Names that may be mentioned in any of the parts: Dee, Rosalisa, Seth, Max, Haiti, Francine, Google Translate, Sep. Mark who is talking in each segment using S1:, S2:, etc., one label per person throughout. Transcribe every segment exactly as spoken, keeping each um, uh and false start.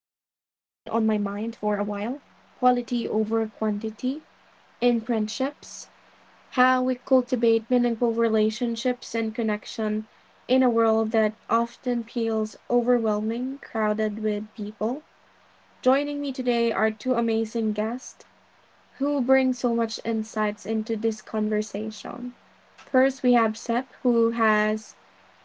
S1: on my mind for a while quality over quantity in friendships, how we cultivate meaningful relationships and connection in a world that often feels overwhelming, crowded with people. Joining me today are two amazing guests who brings so much insights into this conversation. First, we have Sep, who has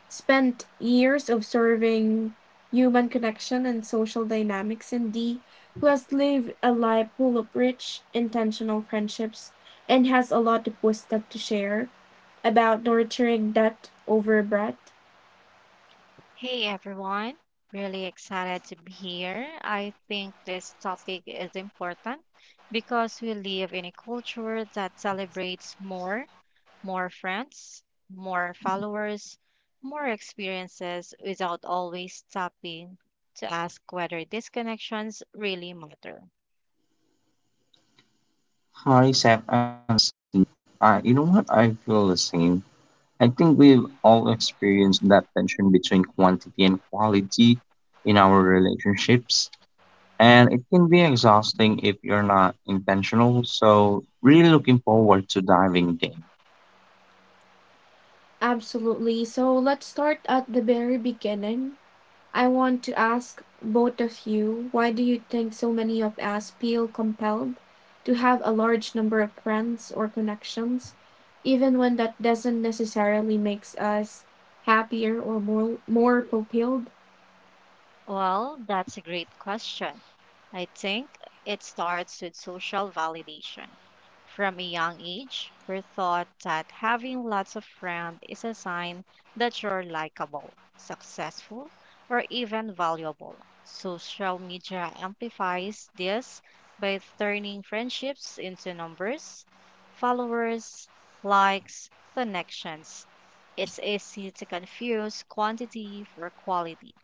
S1: spent years observing human connection and social dynamics, and Dee, who has lived a life full of rich, intentional friendships and has a lot of wisdom to share about nurturing depth over breadth.
S2: Hey everyone, really excited to be here. I think this topic is important because we live in a culture that celebrates more, more friends, more followers, more experiences without always stopping to ask whether these connections really matter.
S3: Hi, Seth and Francine. Uh, you know what? I feel the same. I think we've all experienced that tension between quantity and quality in our relationships, and it can be exhausting if you're not intentional. So, really looking forward to diving in.
S1: Absolutely. So let's start at the very beginning. I want to ask both of you why do you think so many of us feel compelled to have a large number of friends or connections, even when that doesn't necessarily make us happier or more, more fulfilled?
S2: Well, that's a great question. I think it starts with social validation. From a young age, we're taught that having lots of friends is a sign that you're likable, successful, or even valuable. Social media amplifies this by turning friendships into numbers, followers, likes, connections. It's easy to confuse quantity for quality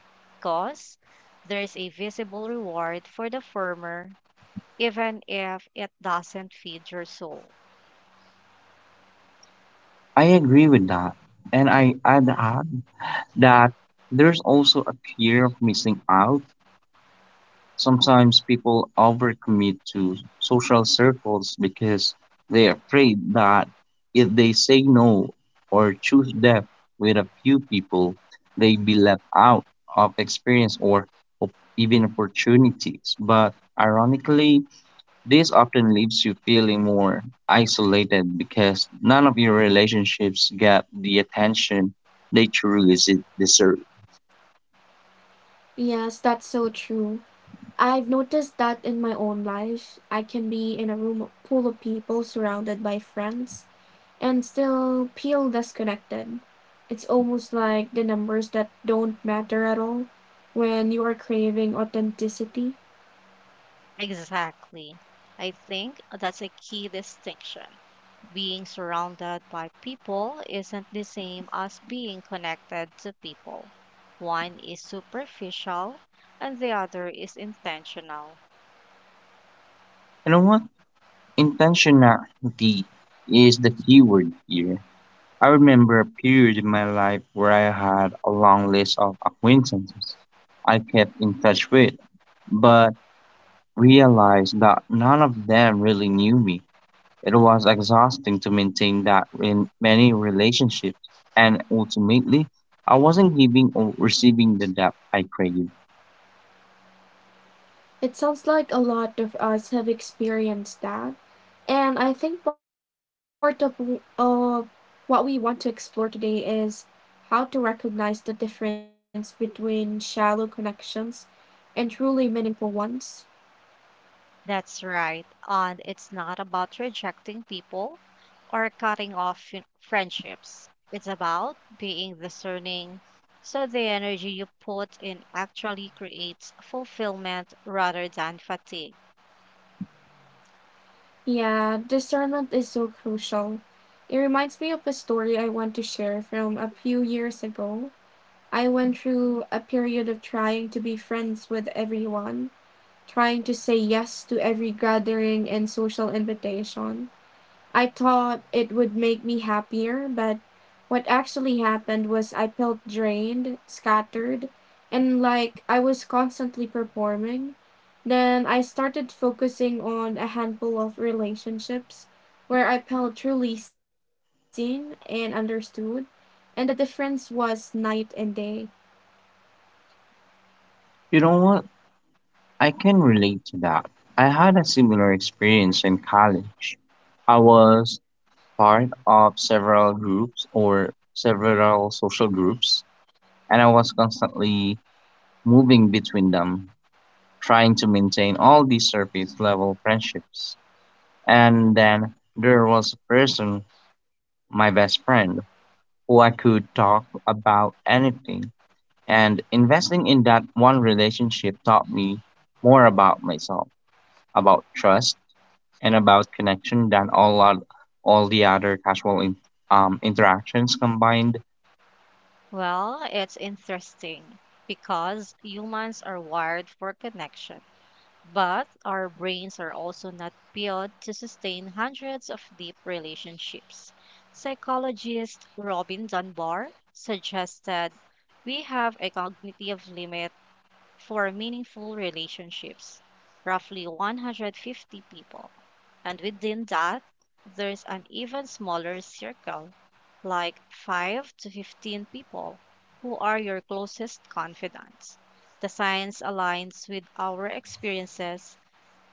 S2: because there's a visible reward for the firmer, even if it doesn't feed your soul.
S3: I agree with that, and I add up that there's also a fear of missing out. Sometimes people overcommit to social circles because they're afraid that if they say no or choose death with a few people, they be left out of experience or op- even opportunities. But ironically, this often leaves you feeling more isolated because none of your relationships get the attention they truly desi- deserve.
S1: Yes, that's so true. I've noticed that in my own life, I can be in a room full of people surrounded by friends, and still Peel disconnected. It's almost like the numbers that don't matter at all when you are craving authenticity.
S2: Exactly. I think that's a key distinction. Being surrounded by people isn't the same as being connected to people. One is superficial and the other is intentional.
S3: You know what? Intentionality is the key word here. I remember a period in my life where I had a long list of acquaintances I kept in touch with, but realized that none of them really knew me. It was exhausting to maintain that in many relationships, and ultimately, I wasn't giving or receiving the depth I craved.
S1: It sounds like a lot of us have experienced that. And I think part of uh, what we want to explore today is how to recognize the difference between shallow connections and truly meaningful ones.
S2: That's right. And it's not about rejecting people or cutting off fri- friendships. It's about being discerning so the energy you put in actually creates fulfillment rather than fatigue.
S1: Yeah, discernment is so crucial. It reminds me of a story I want to share from a few years ago. I went through a period of trying to be friends with everyone, trying to say yes to every gathering and social invitation. I thought it would make me happier, but what actually happened was I felt drained, scattered, and like I was constantly performing. Then I started focusing on a handful of relationships where I felt truly seen and understood, and the difference was night and day.
S3: You know what? I can relate to that. I had a similar experience in college. I was part of several groups or several social groups, and I was constantly moving between them, trying to maintain all these surface level friendships. And then there was a person, my best friend, who I could talk about anything. And investing in that one relationship taught me more about myself, about trust, and about connection than all lot all the other casual in, um, interactions combined.
S2: Well, it's interesting because humans are wired for connection. But our brains are also not built to sustain hundreds of deep relationships. Psychologist Robin Dunbar suggested we have a cognitive limit for meaningful relationships, roughly one hundred fifty people. And within that, there's an even smaller circle, like five to fifteen people, who are your closest confidants. The science aligns with our experiences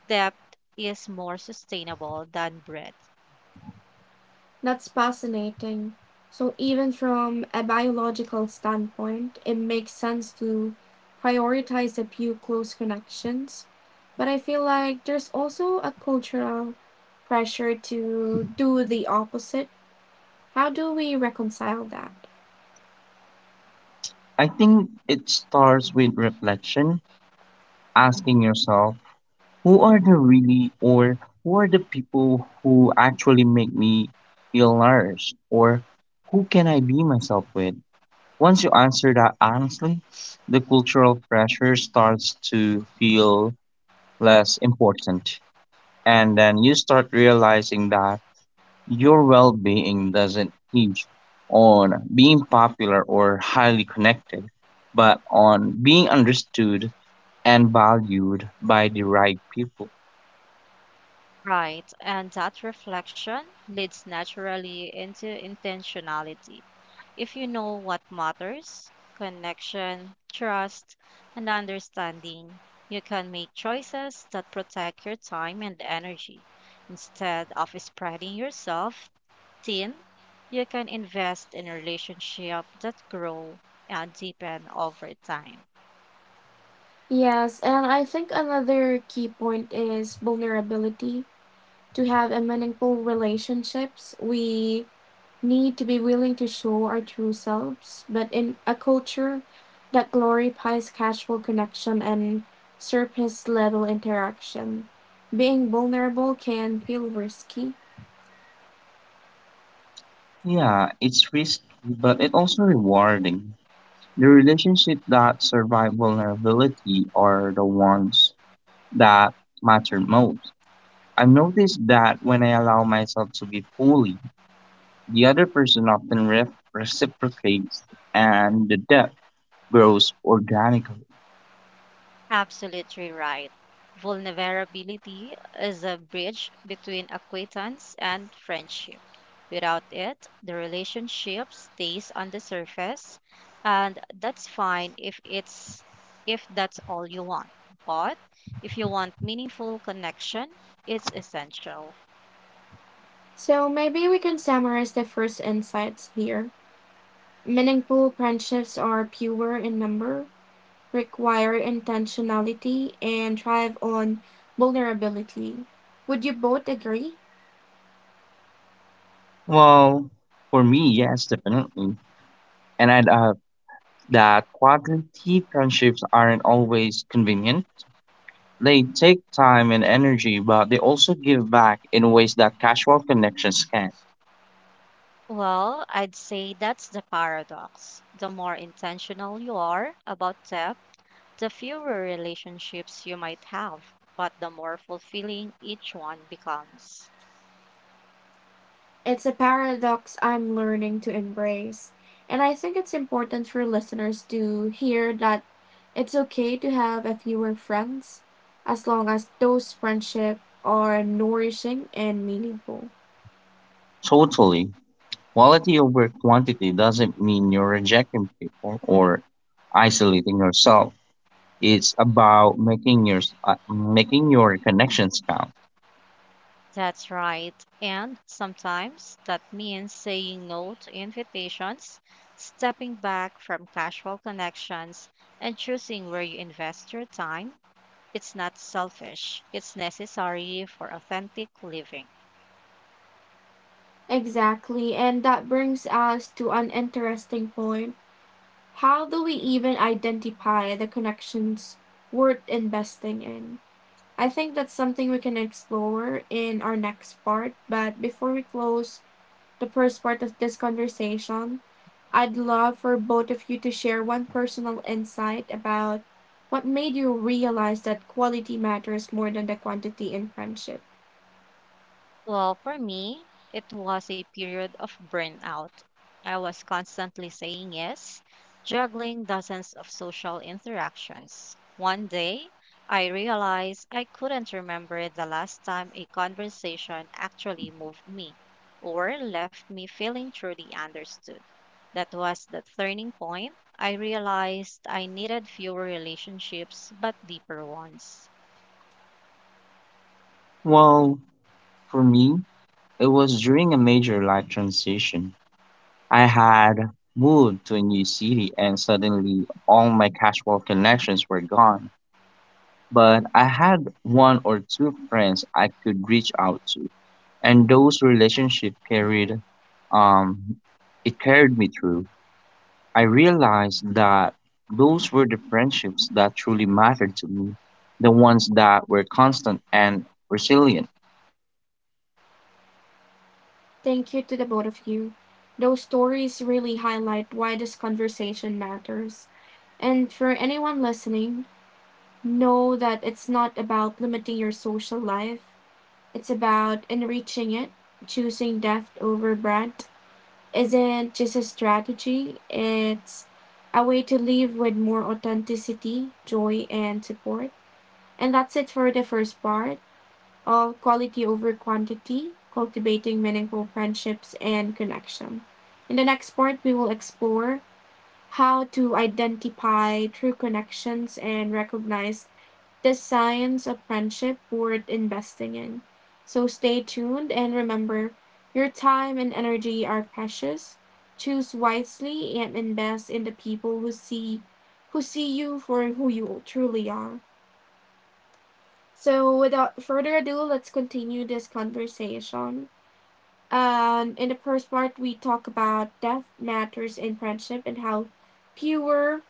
S2: depth is more sustainable than breadth.
S1: That's fascinating. So, even from a biological standpoint, it makes sense to prioritize a few close connections. But I feel like there's also a cultural pressure to do the opposite. How do we reconcile that?
S3: I think it starts with reflection, asking yourself, who are the really or who are the people who actually make me feel nourished or who can I be myself with? Once you answer that honestly, the cultural pressure starts to feel less important. And then you start realizing that your well being doesn't hinge on being popular or highly connected, but on being understood and valued by the right people.
S2: Right. And that reflection leads naturally into intentionality. If you know what matters, connection, trust, and understanding, you can make choices that protect your time and energy. Instead of spreading yourself thin, you can invest in relationships that grow and deepen over time.
S1: Yes, and I think another key point is vulnerability. To have a meaningful relationships, we need to be willing to show our true selves, but in a culture that glorifies casual connection and surface level interaction, being vulnerable can feel risky.
S3: Yeah, it's risky, but it's also rewarding. The relationships that survive vulnerability are the ones that matter most. I've noticed that when I allow myself to be fully, the other person often re- reciprocates and the depth grows organically.
S2: Absolutely right. Vulnerability is a bridge between acquaintance and friendship. Without it, the relationship stays on the surface, and that's fine if it's if that's all you want. But if you want meaningful connection, it's essential.
S1: So maybe we can summarize the first insights here. Meaningful friendships are fewer in number, require intentionality, and thrive on vulnerability. Would you both agree?
S3: Well, for me, yes, definitely. And I'd add that quality friendships aren't always convenient. They take time and energy, but they also give back in ways that casual connections can.
S2: Well, I'd say that's the paradox. The more intentional you are about depth, the fewer relationships you might have, but the more fulfilling each one becomes.
S1: It's a paradox I'm learning to embrace, and I think it's important for listeners to hear that it's okay to have a fewer friends as long as those friendships are nourishing and meaningful.
S3: Totally. Quality over quantity doesn't mean you're rejecting people or isolating yourself. It's about making your uh, making your connections count.
S2: That's right. And sometimes that means saying no to invitations, stepping back from casual connections, and choosing where you invest your time. It's not selfish, it's necessary for authentic living.
S1: Exactly, and that brings us to an interesting point. How do we even identify the connections worth investing in? I think that's something we can explore in our next part, but before we close, the first part of this conversation, I'd love for both of you to share one personal insight about what made you realize that quality matters more than the quantity in friendship.
S2: Well, for me, it was a period of burnout. I was constantly saying yes, juggling dozens of social interactions. One day, I realized I couldn't remember the last time a conversation actually moved me or left me feeling truly understood. That was the turning point. I realized I needed fewer relationships but deeper ones.
S3: Well, for me, it was during a major life transition. I had moved to a new city and suddenly all my casual connections were gone. But I had one or two friends I could reach out to, and those relationships carried um it carried me through. I realized that those were the friendships that truly mattered to me, the ones that were constant and resilient.
S1: Thank you to the both of you. Those stories really highlight why this conversation matters. And for anyone listening, know that it's not about limiting your social life, it's about enriching it, choosing depth over breadth isn't just a strategy, it's a way to live with more authenticity, joy, and support. And that's it for the first part of quality over quantity, cultivating meaningful friendships and connection. In the next part, we will explore how to identify true connections and recognize the science of friendship worth investing in. So stay tuned and remember your time and energy are precious. Choose wisely and invest in the people who see who see you for who you truly are. So without further ado, let's continue this conversation. Um, in the first part, we talk about depth matters in friendship and how fewer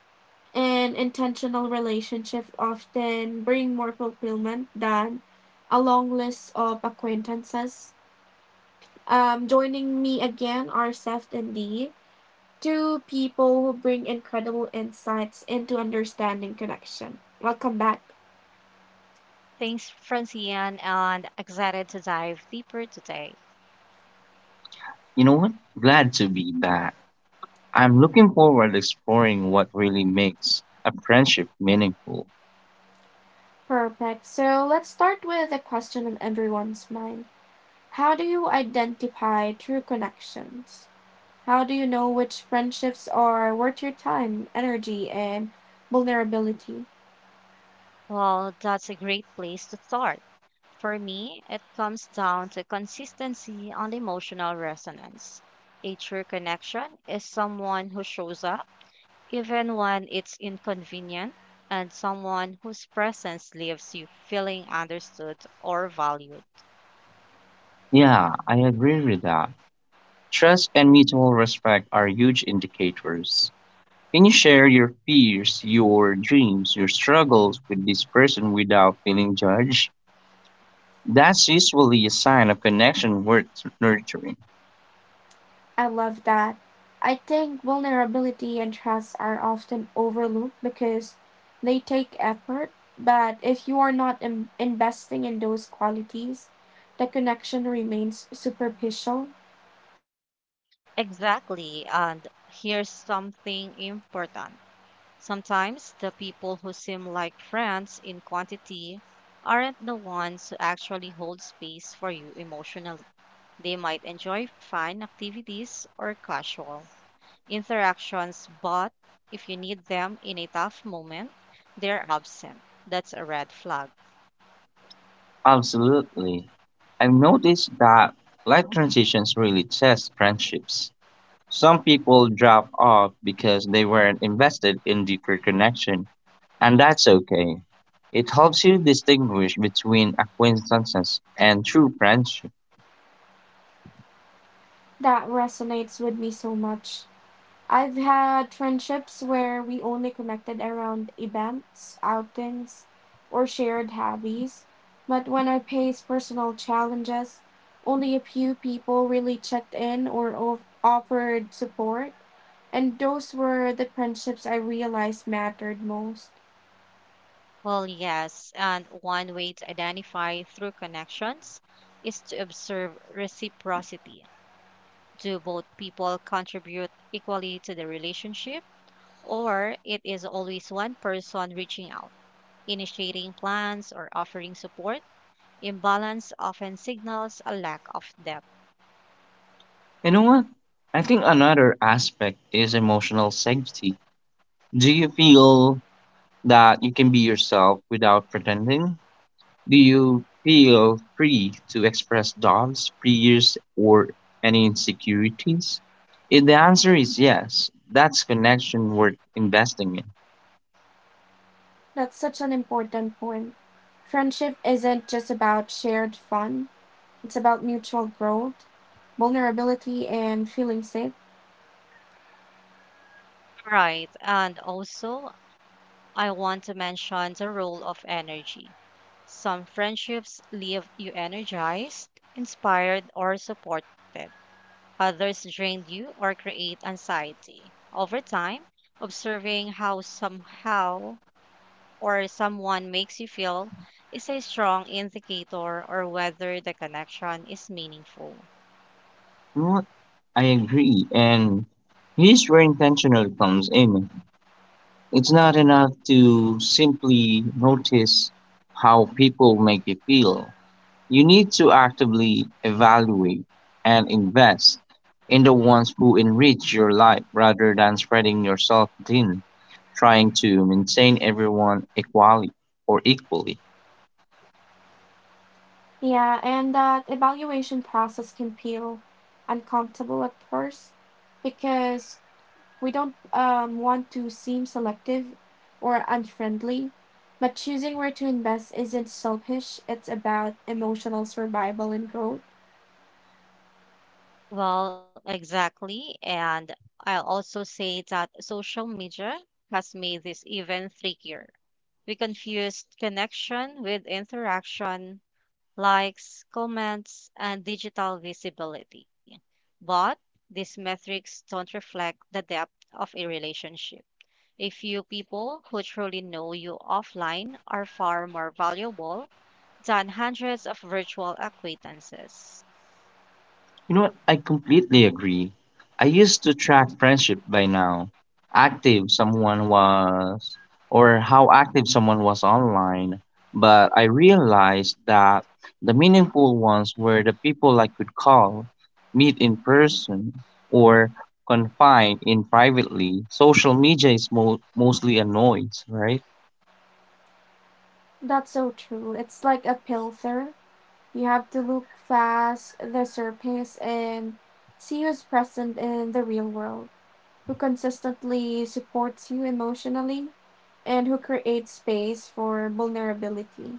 S1: and intentional relationships often bring more fulfillment than a long list of acquaintances. Um, joining me again are Seth and Dee, two people who bring incredible insights into understanding connection. Welcome back.
S2: Thanks, Francine, and excited to dive deeper today.
S3: You know what? Glad to be back. I'm looking forward to exploring what really makes a friendship meaningful.
S1: Perfect. So let's start with a question on everyone's mind. How do you identify true connections? How do you know which friendships are worth your time, energy, and vulnerability?
S2: Well, that's a great place to start. For me, it comes down to consistency and emotional resonance. A true connection is someone who shows up, even when it's inconvenient, and someone whose presence leaves you feeling understood or valued.
S3: Yeah, I agree with that. Trust and mutual respect are huge indicators. Can you share your fears, your dreams, your struggles with this person without feeling judged? That's usually a sign of connection worth nurturing.
S1: I love that. I think vulnerability and trust are often overlooked because they take effort, but if you are not in- investing in those qualities, the connection remains superficial.
S2: Exactly, and here's something important. Sometimes the people who seem like friends in quantity aren't the ones who actually hold space for you emotionally. They might enjoy fun activities or casual interactions, but if you need them in a tough moment, they're absent. That's a red flag.
S3: Absolutely. I've noticed that life transitions really test friendships. Some people drop off because they weren't invested in deeper connection and that's okay. It helps you distinguish between acquaintances and true friendship.
S1: That resonates with me so much. I've had friendships where we only connected around events, outings, or shared hobbies, but when I faced personal challenges, only a few people really checked in or o- offered support, and those were the friendships I realized mattered most.
S2: Well, yes, and one way to identify through connections is to observe reciprocity. Do both people contribute equally to the relationship? Or it is always one person reaching out, initiating plans, or offering support. Imbalance often signals a lack of depth.
S3: You know what? I think another aspect is emotional safety. Do you feel that you can be yourself without pretending? Do you feel free to express doubts, fears, or any insecurities? If the answer is yes, that's connection worth investing in.
S1: That's such an important point. Friendship isn't just about shared fun, it's about mutual growth, vulnerability, and feeling safe.
S2: Right, and also I want to mention the role of energy. Some friendships leave you energized, inspired, or supported. Others drain you or create anxiety. Over time, observing how somehow or someone makes you feel is a strong indicator or whether the connection is meaningful.
S3: You know what? I agree, and here's where intentional comes in. It's not enough to simply notice how people make you feel. You need to actively evaluate and invest in the ones who enrich your life rather than spreading yourself thin, trying to maintain everyone equally or equally.
S1: Yeah, and that evaluation process can feel uncomfortable at first because we don't um, want to seem selective or unfriendly. But choosing where to invest isn't selfish, it's about emotional survival and growth.
S2: Well, exactly. And I'll also say that social media has made this even trickier. We confused connection with interaction, likes, comments, and digital visibility. But these metrics don't reflect the depth of a relationship. A few people who truly know you offline are far more valuable than hundreds of virtual acquaintances.
S3: You know what? I completely agree. I used to track friendship by now. Active someone was, or how active someone was online. But I realized that the meaningful ones were the people I could call, meet in person, or confine in privately. Social media is mo- mostly a noise, right?
S1: That's so true. It's like a filter. You have to look past the surface and see who's present in the real world, who consistently supports you emotionally and who create space for vulnerability.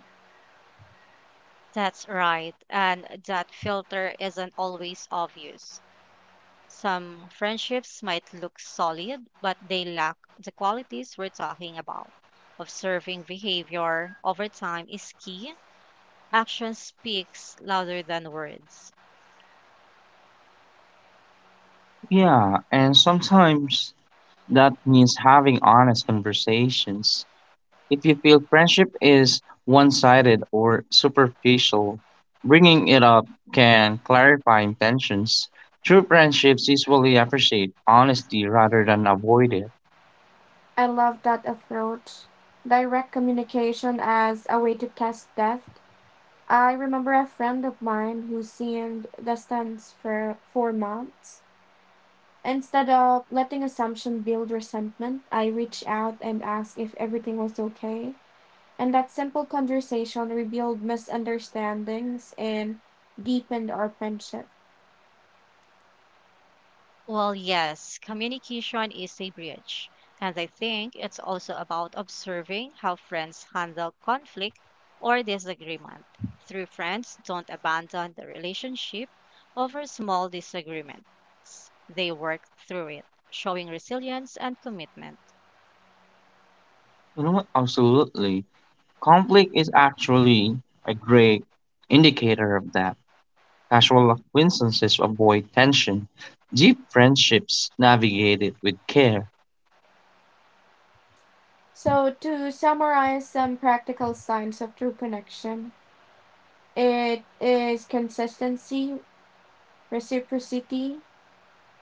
S2: That's right, and that filter isn't always obvious. Some friendships might look solid, but they lack the qualities we're talking about. Observing behavior over time is key. Action speaks louder than words.
S3: Yeah, and sometimes that means having honest conversations. If you feel friendship is one sided or superficial, bringing it up can clarify intentions. True friendships usually appreciate honesty rather than avoid it.
S1: I love that approach. Direct communication as a way to test depth. I remember a friend of mine who seemed distant for four months. Instead of letting assumption build resentment, I reached out and asked if everything was okay. And that simple conversation revealed misunderstandings and deepened our friendship.
S2: Well, yes, communication is a bridge. And I think it's also about observing how friends handle conflict or disagreement. True friends don't abandon the relationship over small disagreements, they work through it, showing resilience and commitment.
S3: You know what? Absolutely. Conflict is actually a great indicator of that. Casual acquaintances avoid tension. Deep friendships navigate it with care.
S1: So, to summarize some practical signs of true connection, it is consistency, reciprocity,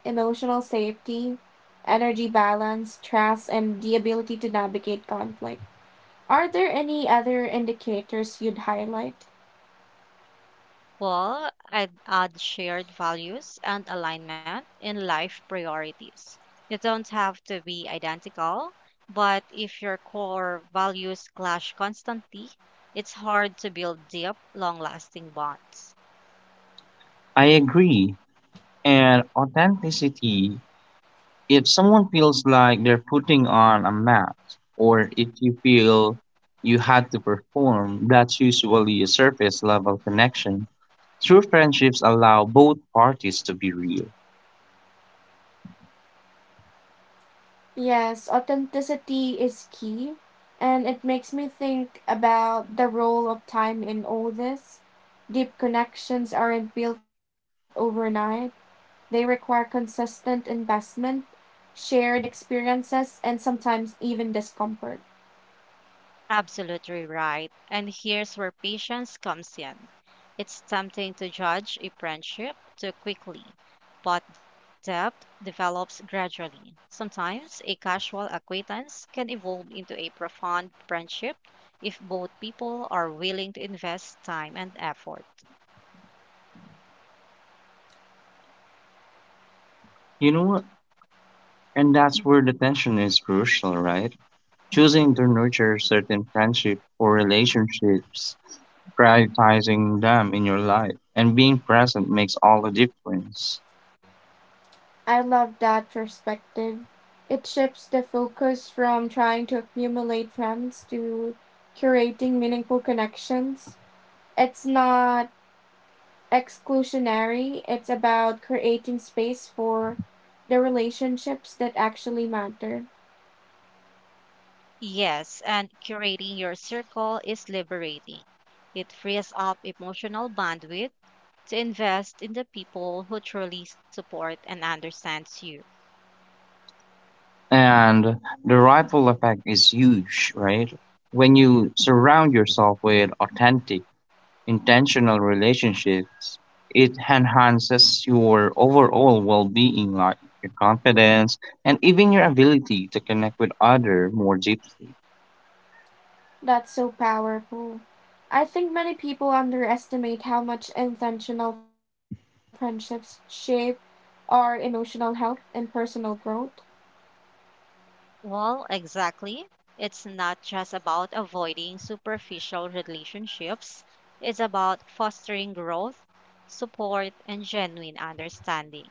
S1: emotional safety, energy balance, trust, and the ability to navigate conflict. Are there any other indicators you'd highlight?
S2: Well, I'd add shared values and alignment in life priorities. You don't have to be identical, but if your core values clash constantly, it's hard to build deep, long lasting bonds.
S3: I agree. And authenticity. If someone feels like they're putting on a mask, or if you feel you had to perform, that's usually a surface level connection. True friendships allow both parties to be real.
S1: Yes, authenticity is key, and it makes me think about the role of time in all this. Deep connections aren't built overnight, they require consistent investment, shared experiences, and sometimes even discomfort.
S2: Absolutely right. And here's where patience comes in. It's tempting to judge a friendship too quickly, but depth develops gradually. Sometimes a casual acquaintance can evolve into a profound friendship if both people are willing to invest time and effort.
S3: You know what? And that's where the tension is crucial, right? Choosing to nurture certain friendship or relationships, prioritizing them in your life, and being present makes all the difference.
S1: I love that perspective. It shifts the focus from trying to accumulate friends to curating meaningful connections. It's not exclusionary, it's about creating space for the relationships that actually matter.
S2: Yes, and curating your circle is liberating. It frees up emotional bandwidth to invest in the people who truly support and understands you.
S3: And the ripple effect is huge, right? When you surround yourself with authentic, intentional relationships, it enhances your overall well being, like your confidence and even your ability to connect with others more deeply.
S1: That's so powerful. I think many people underestimate how much intentional friendships shape our emotional health and personal growth.
S2: Well, exactly. It's not just about avoiding superficial relationships, it's about fostering growth, support, and genuine understanding.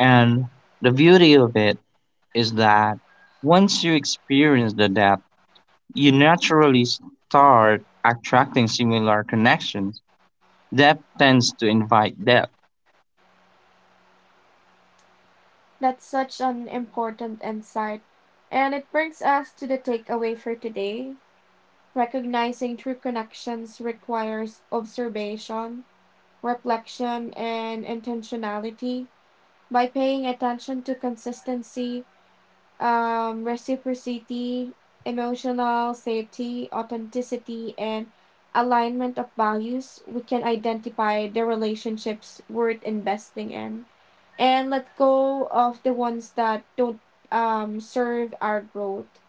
S3: And the beauty of it is that once you experience the depth, you naturally start attracting similar connections. Depth tends to invite depth.
S1: That's such an important insight. And it brings us to the takeaway for today. Recognizing true connections requires observation, reflection, and intentionality. By paying attention to consistency, um, reciprocity, emotional safety, authenticity, and alignment of values, we can identify the relationships worth investing in and let go of the ones that don't um, serve our growth.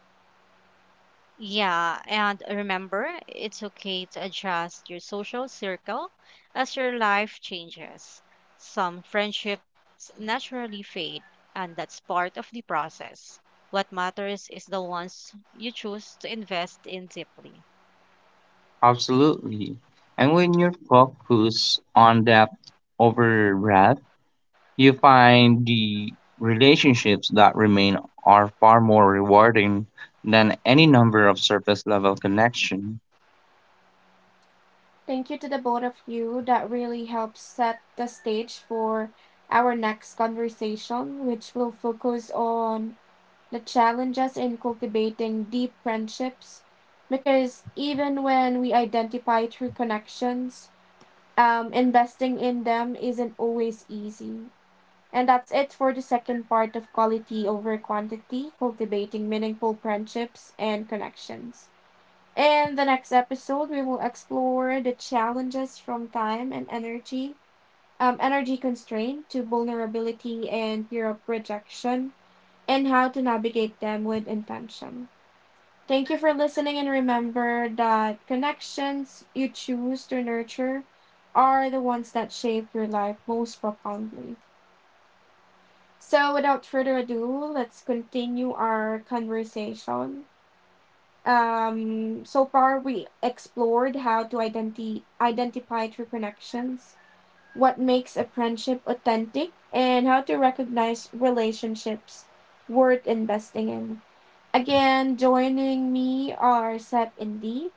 S2: Yeah, and remember, it's okay to adjust your social circle as your life changes. Some friendships naturally fade, and that's part of the process. What matters is the ones you choose to invest in deeply.
S3: Absolutely. And when you're focused on depth over breadth, you find the relationships that remain are far more rewarding than any number of surface level connection.
S1: Thank you to the both of you. That really helps set the stage for our next conversation, which will focus on the challenges in cultivating deep friendships. Because even when we identify true connections, um, investing in them isn't always easy. And that's it for the second part of quality over quantity, cultivating meaningful friendships and connections. In the next episode, we will explore the challenges from time and energy, um, energy constraint to vulnerability and fear of rejection, and how to navigate them with intention. Thank you for listening, and remember that connections you choose to nurture are the ones that shape your life most profoundly. So, without further ado, let's continue our conversation. Um, so far, we explored how to identi- identify true connections, what makes a friendship authentic, and how to recognize relationships worth investing in. Again, joining me are Sep and Dee.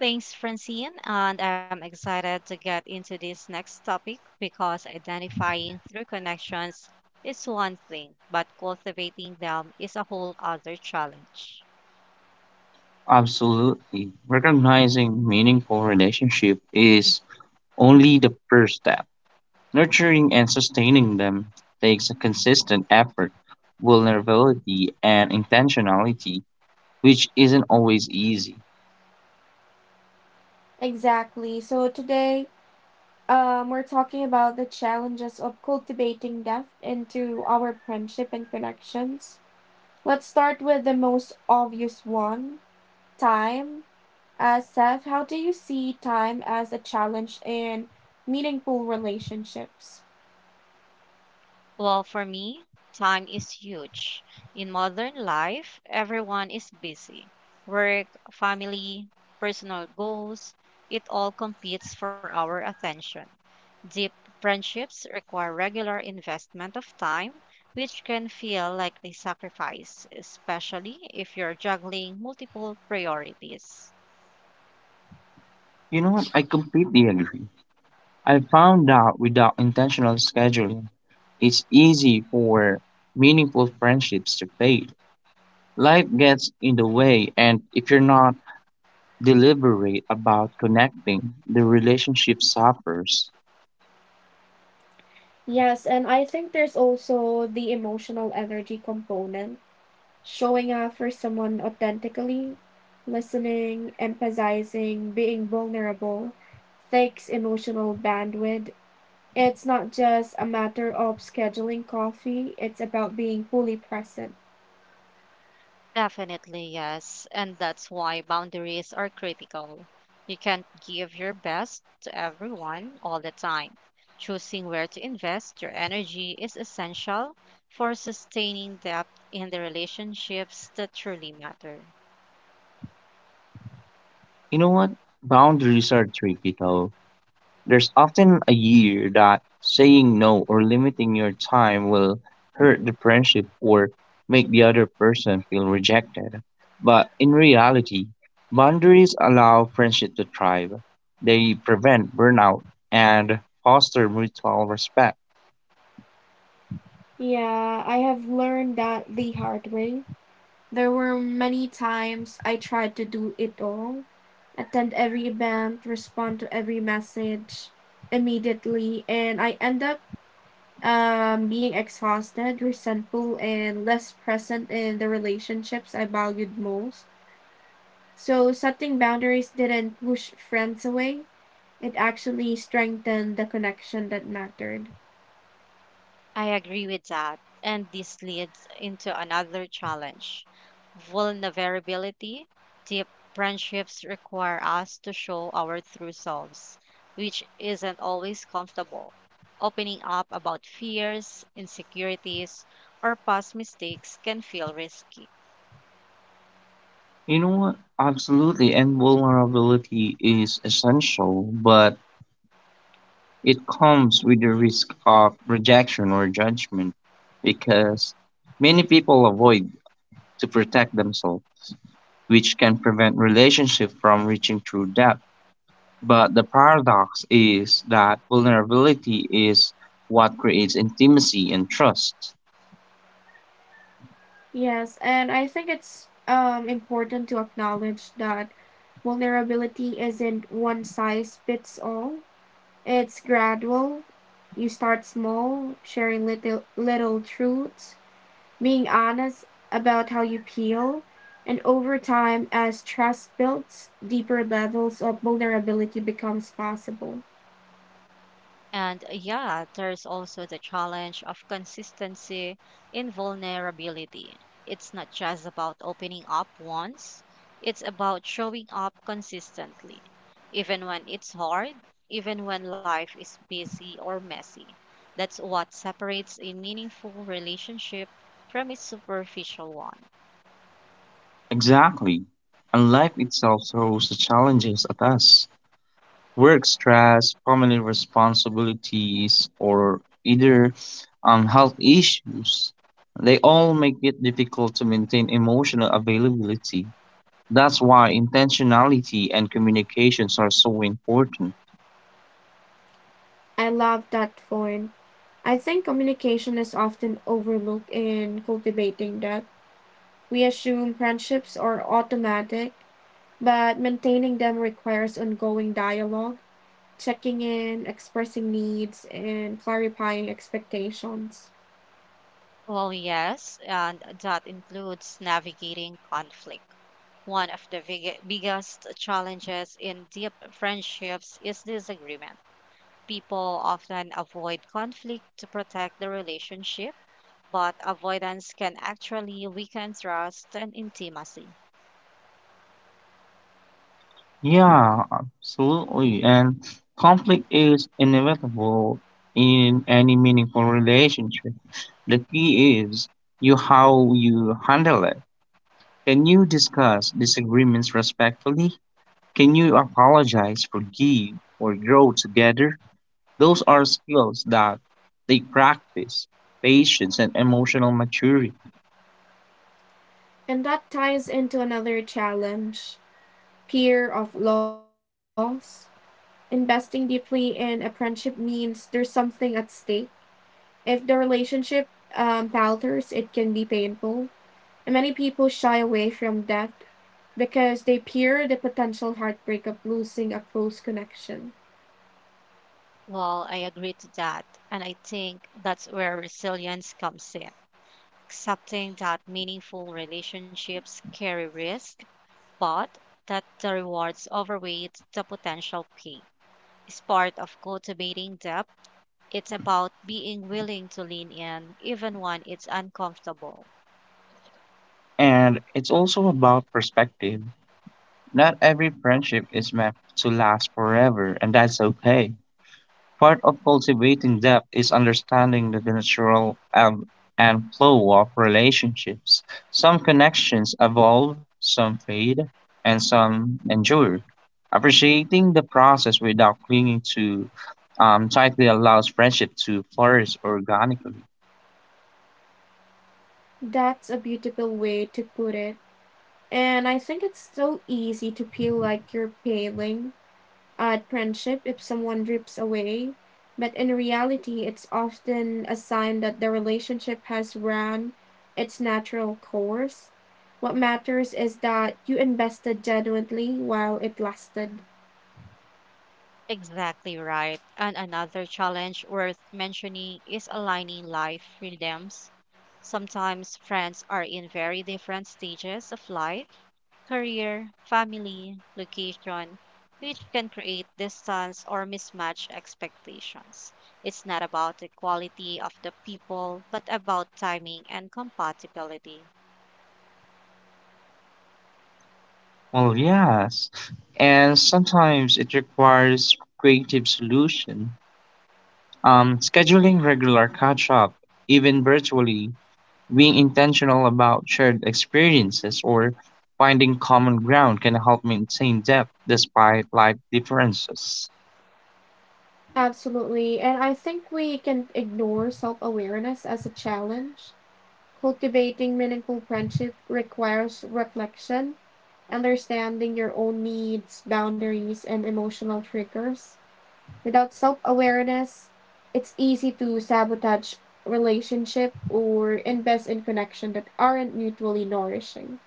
S2: Thanks, Francine. And I'm excited to get into this next topic because identifying through connections is one thing, but cultivating them is a whole other challenge.
S3: Absolutely. Recognizing meaningful relationship is only the first step. Nurturing and sustaining them takes a consistent effort, vulnerability, and intentionality, which isn't always easy.
S1: Exactly. So, today, um, we're talking about the challenges of cultivating depth into our friendship and connections. Let's start with the most obvious one time. Uh, Seth, how do you see time as a challenge in meaningful relationships?
S2: Well, for me, time is huge. In modern life, everyone is busy. Work, family, personal goals, it all competes for our attention. Deep friendships require regular investment of time, which can feel like a sacrifice, especially if you're juggling multiple priorities.
S3: You know what? I completely agree. I found out without intentional scheduling, it's easy for meaningful friendships to fade. Life gets in the way, and if you're not deliberate about connecting, the relationship suffers.
S1: Yes, and I think there's also the emotional energy component, showing up for someone authentically, listening, empathizing, being vulnerable, takes emotional bandwidth. It's not just a matter of scheduling coffee, it's about being fully present.
S2: Definitely, yes. And that's why boundaries are critical. You can't give your best to everyone all the time. Choosing where to invest your energy is essential for sustaining depth in the relationships that truly matter.
S3: You know what? Boundaries are tricky though. There's often a year that saying no or limiting your time will hurt the friendship or make the other person feel rejected. But in reality, boundaries allow friendship to thrive. They prevent burnout and foster mutual respect.
S1: Yeah, I have learned that the hard way. There were many times I tried to do it all attend every event, respond to every message immediately, and I end up um, being exhausted, resentful, and less present in the relationships I valued most. So, setting boundaries didn't push friends away, it actually strengthened the connection that mattered.
S2: I agree with that. And this leads into another challenge vulnerability. Deep friendships require us to show our true selves, which isn't always comfortable. Opening up about fears, insecurities, or past mistakes can feel risky.
S3: You know what? Absolutely. And vulnerability is essential, but it comes with the risk of rejection or judgment because many people avoid to protect themselves, which can prevent relationships from reaching true depth. But the paradox is that vulnerability is what creates intimacy and trust.
S1: Yes, and I think it's um, important to acknowledge that vulnerability isn't one size fits all. It's gradual. You start small, sharing little little truths, being honest about how you feel, and over time, as trust builds, deeper levels of vulnerability becomes possible.
S2: And uh, yeah, there's also the challenge of consistency in vulnerability. It's not just about opening up once, it's about showing up consistently, even when it's hard, even when life is busy or messy. That's what separates a meaningful relationship from a superficial one.
S3: Exactly. And life itself throws the challenges at us. Work stress, family responsibilities, or either um, health issues. They all make it difficult to maintain emotional availability. That's why intentionality and communications are so important.
S1: I love that point. I think communication is often overlooked in cultivating that. We assume friendships are automatic, but maintaining them requires ongoing dialogue, checking in, expressing needs, and clarifying expectations.
S2: Well, yes, and that includes navigating conflict. One of the big- biggest challenges in deep friendships is disagreement. People often avoid conflict to protect the relationship, but avoidance can actually weaken trust and intimacy.
S3: Yeah, absolutely. And conflict is inevitable in any meaningful relationship. The key is you how you handle it. Can you discuss disagreements respectfully? Can you apologize, forgive, or grow together? Those are skills that they practice, patience and emotional maturity.
S1: And that ties into another challenge fear of loss. Investing deeply in a friendship means there's something at stake. If the relationship um, falters, it can be painful. And many people shy away from death because they fear the potential heartbreak of losing a close connection.
S2: Well, I agree to that, and I think that's where resilience comes in. Accepting that meaningful relationships carry risk, but that the rewards overweight the potential pain is part of cultivating depth. It's about being willing to lean in, even when it's uncomfortable.
S3: And it's also about perspective. Not every friendship is meant to last forever, and that's okay. Part of cultivating depth is understanding the natural ebb and flow of relationships. Some connections evolve, some fade, and some endure. Appreciating the process without clinging to um, tightly allows friendship to flourish organically.
S1: That's a beautiful way to put it. And I think it's so easy to feel like you're failing at friendship if someone drifts away. But in reality, it's often a sign that the relationship has run its natural course. What matters is that you invested genuinely while it lasted.
S2: Exactly right. And another challenge worth mentioning is aligning life rhythms. Sometimes friends are in very different stages of life career, family, location, which can create distance or mismatch expectations. It's not about the quality of the people, but about timing and compatibility.
S3: Well, yes, and sometimes it requires creative solution. Um, scheduling regular catch up, even virtually, being intentional about shared experiences or finding common ground can help maintain depth despite life differences.
S1: Absolutely. And I think we can ignore self awareness as a challenge. Cultivating meaningful friendship requires reflection, understanding your own needs, boundaries, and emotional triggers. Without self awareness, it's easy to sabotage relationship or invest in connections that aren't mutually nourishing.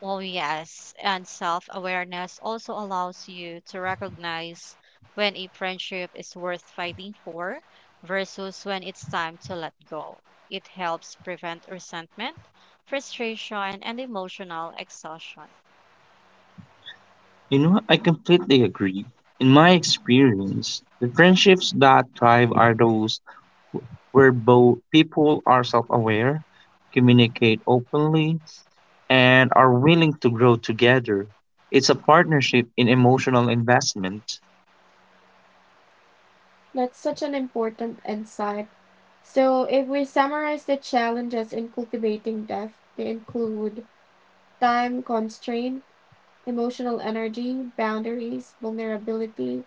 S2: Well, yes, and self awareness also allows you to recognize when a friendship is worth fighting for versus when it's time to let go. It helps prevent resentment, frustration, and emotional exhaustion.
S3: You know, I completely agree. In my experience, the friendships that thrive are those where both people are self aware, communicate openly, and are willing to grow together. It's a partnership in emotional investment.
S1: That's such an important insight. So, if we summarize the challenges in cultivating depth, they include time constraint, emotional energy, boundaries, vulnerability,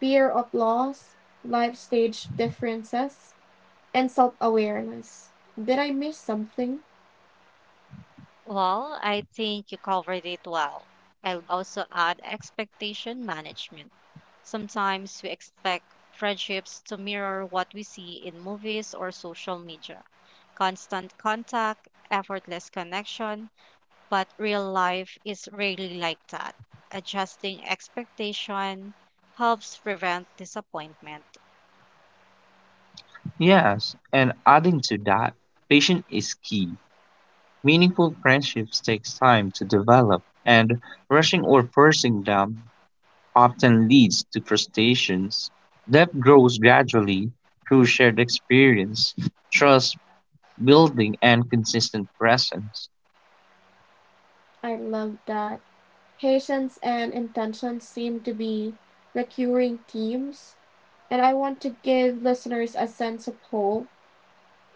S1: fear of loss, life stage differences, and self awareness. Did I miss something?
S2: Well, I think you covered it well. I'll also add expectation management. Sometimes we expect friendships to mirror what we see in movies or social media. Constant contact, effortless connection, but real life is rarely like that. Adjusting expectation helps prevent disappointment.
S3: Yes, and adding to that, patience is key. Meaningful friendships takes time to develop, and rushing or forcing them often leads to frustrations. Depth grows gradually through shared experience, trust building, and consistent presence.
S1: I love that. Patience and intention seem to be recurring themes, and I want to give listeners a sense of hope.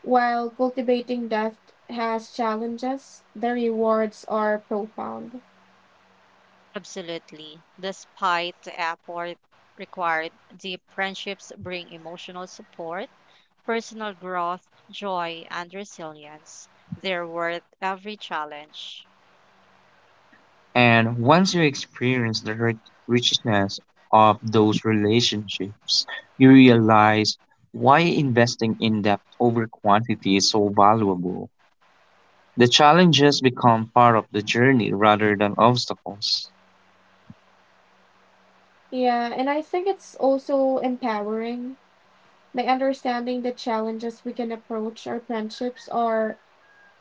S1: While cultivating depth has challenges, the rewards are profound.
S2: Absolutely. Despite the effort required, deep friendships bring emotional support, personal growth, joy, and resilience. They're worth every challenge.
S3: And once you experience the rich- richness of those relationships, you realize why investing in depth over quantity is so valuable. The challenges become part of the journey rather than obstacles.
S1: Yeah, and I think it's also empowering. By understanding the challenges we can approach our friendships or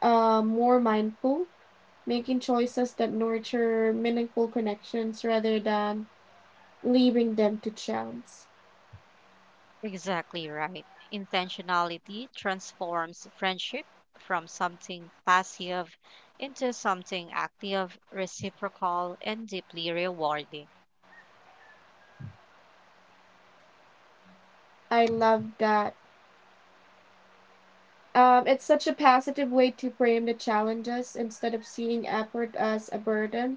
S1: uh, more mindful, making choices that nurture meaningful connections rather than leaving them to chance.
S2: Exactly right. Intentionality transforms friendship from something passive into something active, reciprocal, and deeply rewarding.
S1: I love that. Um, it's such a positive way to frame the challenges instead of seeing effort as a burden.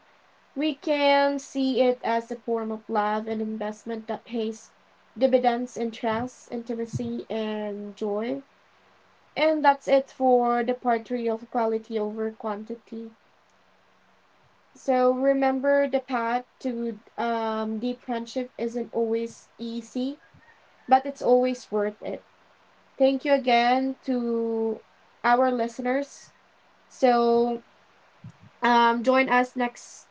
S1: We can see it as a form of love and investment that pays dividends in trust, intimacy, and joy. And that's it for the part three of quality over quantity. So remember the path to um, deep friendship isn't always easy, but it's always worth it. Thank you again to our listeners. So um, join us next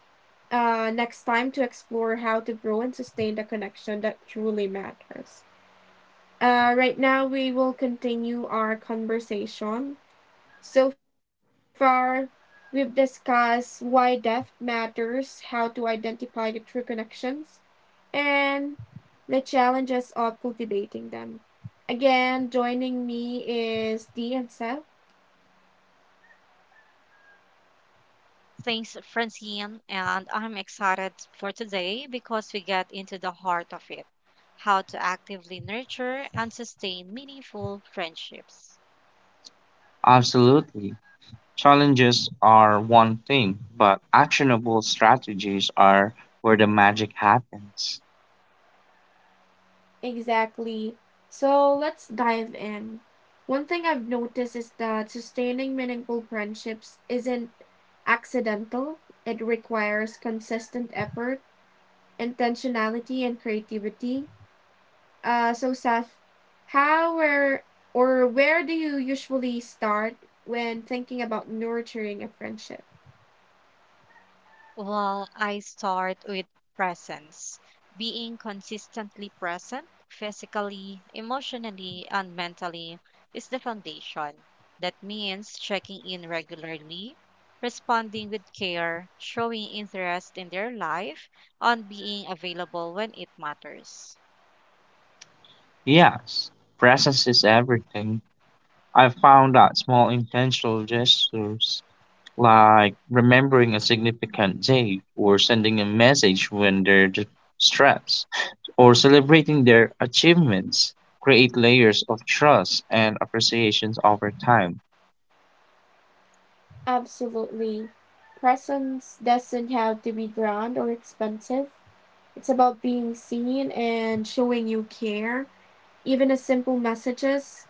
S1: uh, next time to explore how to grow and sustain the connection that truly matters. Uh, right now, we will continue our conversation. So far, we've discussed why depth matters, how to identify the true connections, and the challenges of cultivating them. Again, joining me is Dee and Seth.
S2: Thanks, Francine, and I'm excited for today because we get into the heart of it how to actively nurture and sustain meaningful friendships.
S3: Absolutely. Challenges are one thing, but actionable strategies are where the magic happens.
S1: Exactly. So let's dive in. One thing I've noticed is that sustaining meaningful friendships isn't accidental. It requires consistent effort, intentionality, and creativity. Uh, so, Seth, how where or where do you usually start when thinking about nurturing a friendship?
S2: Well, I start with presence, being consistently present physically, emotionally, and mentally is the foundation. That means checking in regularly, responding with care, showing interest in their life, and being available when it matters.
S3: Yes, presence is everything. I found that small intentional gestures like remembering a significant date or sending a message when they're d- stressed or celebrating their achievements create layers of trust and appreciations over time.
S1: Absolutely. Presence doesn't have to be grand or expensive. It's about being seen and showing you care. Even a simple messages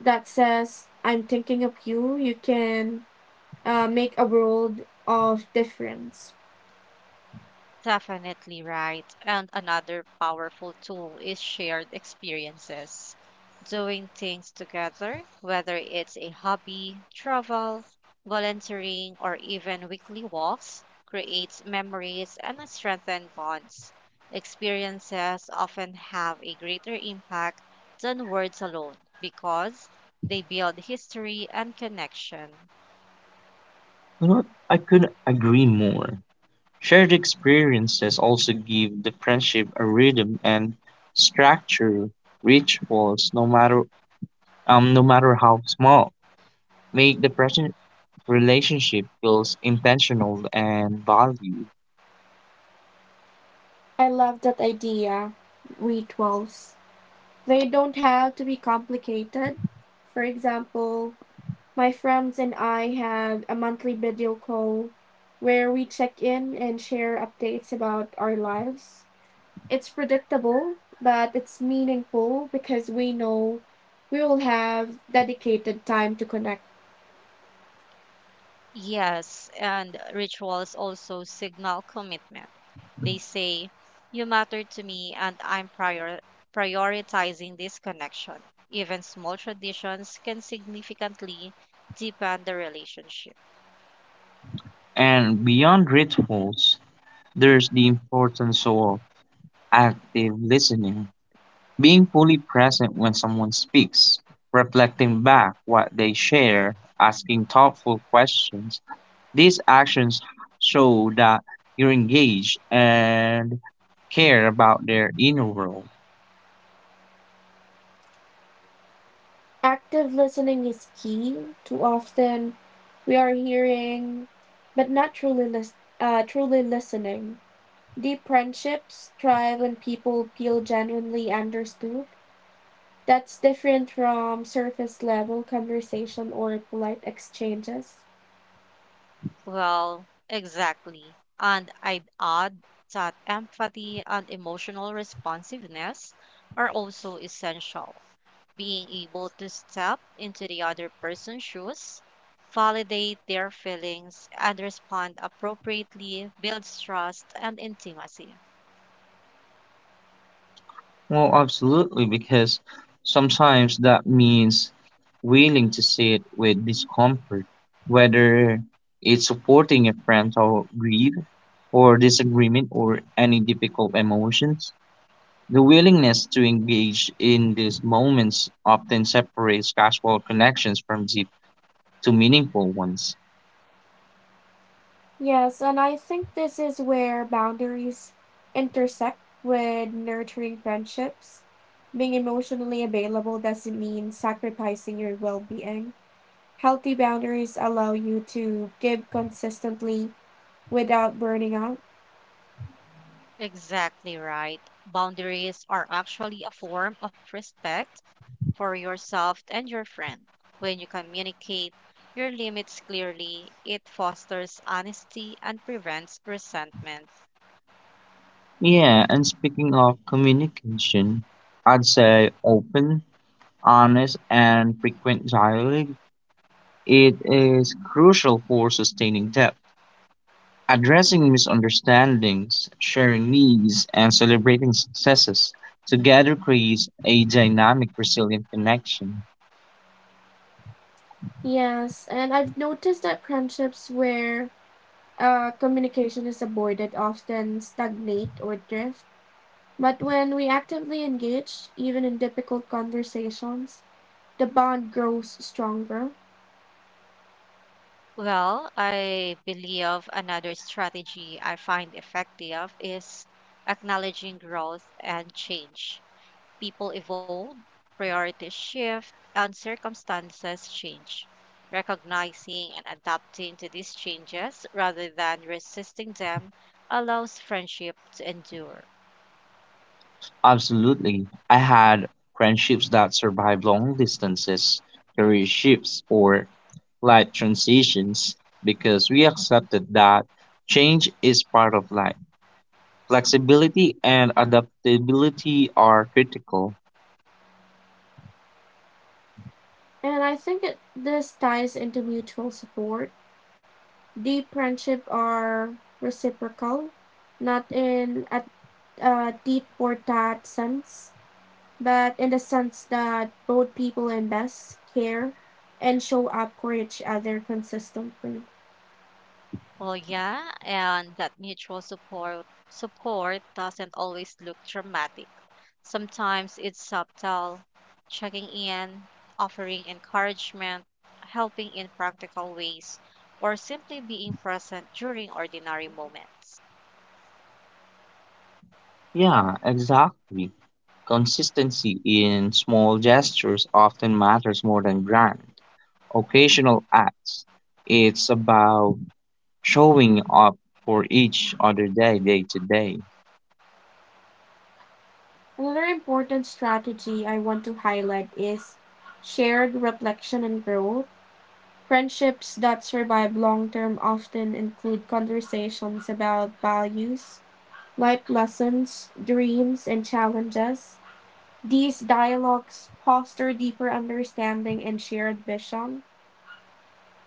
S1: that says "I'm thinking of you," you can uh, make a world of difference.
S2: Definitely right. And another powerful tool is shared experiences. Doing things together, whether it's a hobby, travel, volunteering, or even weekly walks, creates memories and strengthens bonds. Experiences often have a greater impact than words alone because they build history and connection.
S3: You know, what? I couldn't agree more. Shared experiences also give the friendship a rhythm and structure. Rituals, no matter um, no matter how small, make the present relationship feels intentional and valued.
S1: I love that idea. Rituals. They don't have to be complicated. For example, my friends and I had a monthly video call where we check in and share updates about our lives. It's predictable, but it's meaningful because we know we will have dedicated time to connect.
S2: Yes, and rituals also signal commitment. They say, "You matter to me, and I'm prior- prioritizing this connection." Even small traditions can significantly deepen the relationship.
S3: And beyond rituals, there's the importance of active listening, being fully present when someone speaks, reflecting back what they share, asking thoughtful questions. These actions show that you're engaged and care about their inner world.
S1: Active listening is key. Too often, we are hearing, but not truly, lis- uh, truly listening. Deep friendships thrive when people feel genuinely understood. That's different from surface level conversation or polite exchanges.
S2: Well, exactly. And I'd add that empathy and emotional responsiveness are also essential. Being able to step into the other person's shoes, validate their feelings, and respond appropriately builds trust and intimacy.
S3: Well, absolutely, because sometimes that means willing to sit with discomfort, whether it's supporting a parental grief or disagreement or any difficult emotions. The willingness to engage in these moments often separates casual connections from deep to meaningful ones.
S1: Yes, and I think this is where boundaries intersect with nurturing friendships. Being emotionally available doesn't mean sacrificing your well being. Healthy boundaries allow you to give consistently without burning out.
S2: Exactly right. Boundaries are actually a form of respect for yourself and your friend. When you communicate your limits clearly, it fosters honesty and prevents resentment.
S3: Yeah, and speaking of communication, I'd say open, honest, and frequent dialogue. It is crucial for sustaining depth, addressing misunderstandings, sharing needs, and celebrating successes. Together creates a dynamic, resilient connection.
S1: Yes, and I've noticed that friendships where uh, communication is avoided often stagnate or drift. But when we actively engage, even in difficult conversations, the bond grows stronger,
S2: Well, I believe another strategy I find effective is acknowledging growth and change. People evolve, priorities shift, and circumstances change. Recognizing and adapting to these changes rather than resisting them allows friendship to endure.
S3: Absolutely. I had friendships that survived long distances, career shifts, or life transitions because we accepted that change is part of life. Flexibility and adaptability are critical.
S1: and I think it this ties into mutual support. Deep friendship are reciprocal, not in a, a deep or that sense, but in the sense that both people invest, care, and show up for each other consistently.
S2: Well, yeah, and that mutual support support doesn't always look dramatic. Sometimes it's subtle, checking in, offering encouragement, helping in practical ways, or simply being present during ordinary moments.
S3: Yeah, exactly. Consistency in small gestures often matters more than grand, occasional acts. It's about showing up for each other day, day to day.
S1: Another important strategy I want to highlight is shared reflection and growth. Friendships that survive long term often include conversations about values, life lessons, dreams, and challenges. These dialogues foster deeper understanding and shared vision.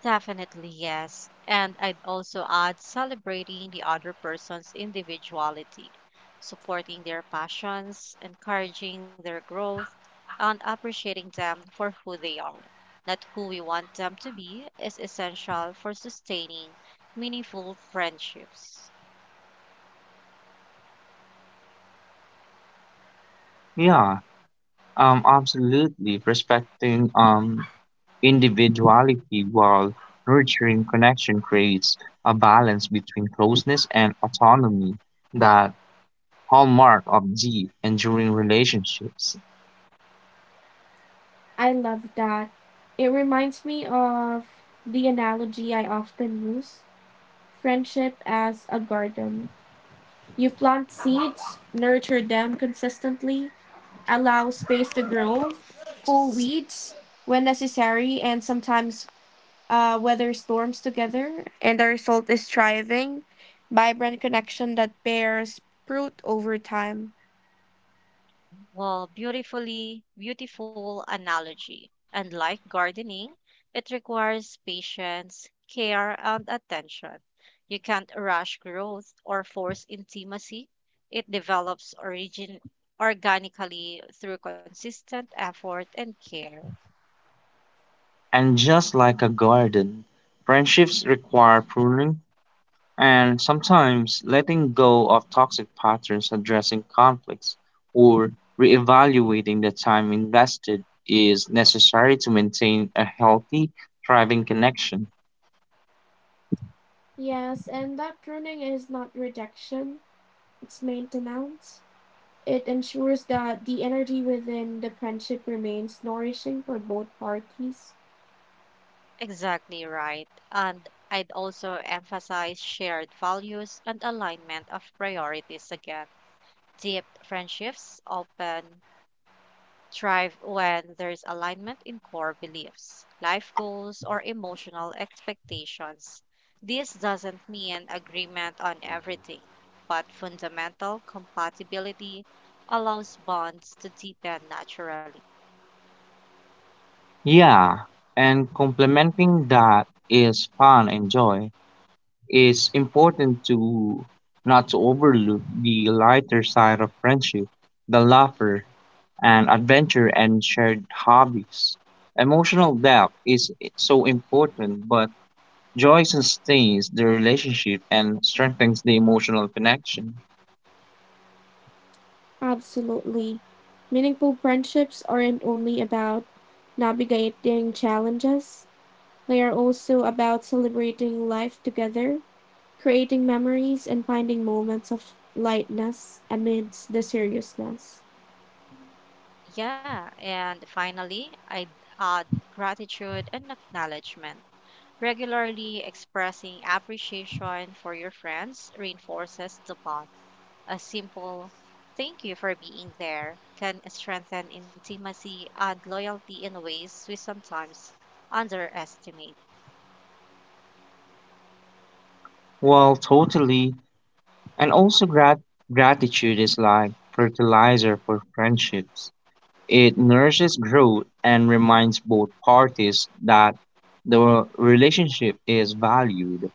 S2: Definitely, yes. And I'd also add, celebrating the other person's individuality, supporting their passions, encouraging their growth, and appreciating them for who they are, not who we want them to be, is essential for sustaining meaningful friendships.
S3: Yeah, um, absolutely. Respecting um, individuality while nurturing connection creates a balance between closeness and autonomy, that hallmark of deep, enduring relationships.
S1: I love that. It reminds me of the analogy I often use friendship as a garden. You plant seeds, nurture them consistently, allow space to grow, pull weeds when necessary, and sometimes uh, weather storms together. And the result is thriving, vibrant connection that bears fruit over time.
S2: Well, beautifully, beautiful analogy. And like gardening, it requires patience, care, and attention. You can't rush growth or force intimacy. It develops origin organically through consistent effort and care.
S3: And just like a garden, friendships require pruning and sometimes letting go of toxic patterns, addressing conflicts, or reevaluating the time invested is necessary to maintain a healthy, thriving connection.
S1: Yes, and that pruning is not rejection, it's maintenance. It ensures that the energy within the friendship remains nourishing for both parties.
S2: Exactly right. And I'd also emphasize shared values and alignment of priorities again. Deep friendships open thrive when there's alignment in core beliefs, life goals, or emotional expectations. This doesn't mean agreement on everything, but fundamental compatibility allows bonds to deepen naturally.
S3: Yeah, and complementing that is fun and joy. It's important to not to overlook the lighter side of friendship, the laughter, and adventure and shared hobbies. Emotional depth is so important, but joy sustains the relationship and strengthens the emotional connection.
S1: Absolutely. Meaningful friendships aren't only about navigating challenges, they are also about celebrating life together, creating memories, and finding moments of lightness amidst the seriousness.
S2: Yeah, and finally, I'd add gratitude and acknowledgement. Regularly expressing appreciation for your friends reinforces the bond. A simple thank you for being there can strengthen intimacy and loyalty in ways we sometimes underestimate.
S3: Well, totally, and also grat- gratitude is like fertilizer for friendships. It nourishes growth and reminds both parties that the relationship is valued.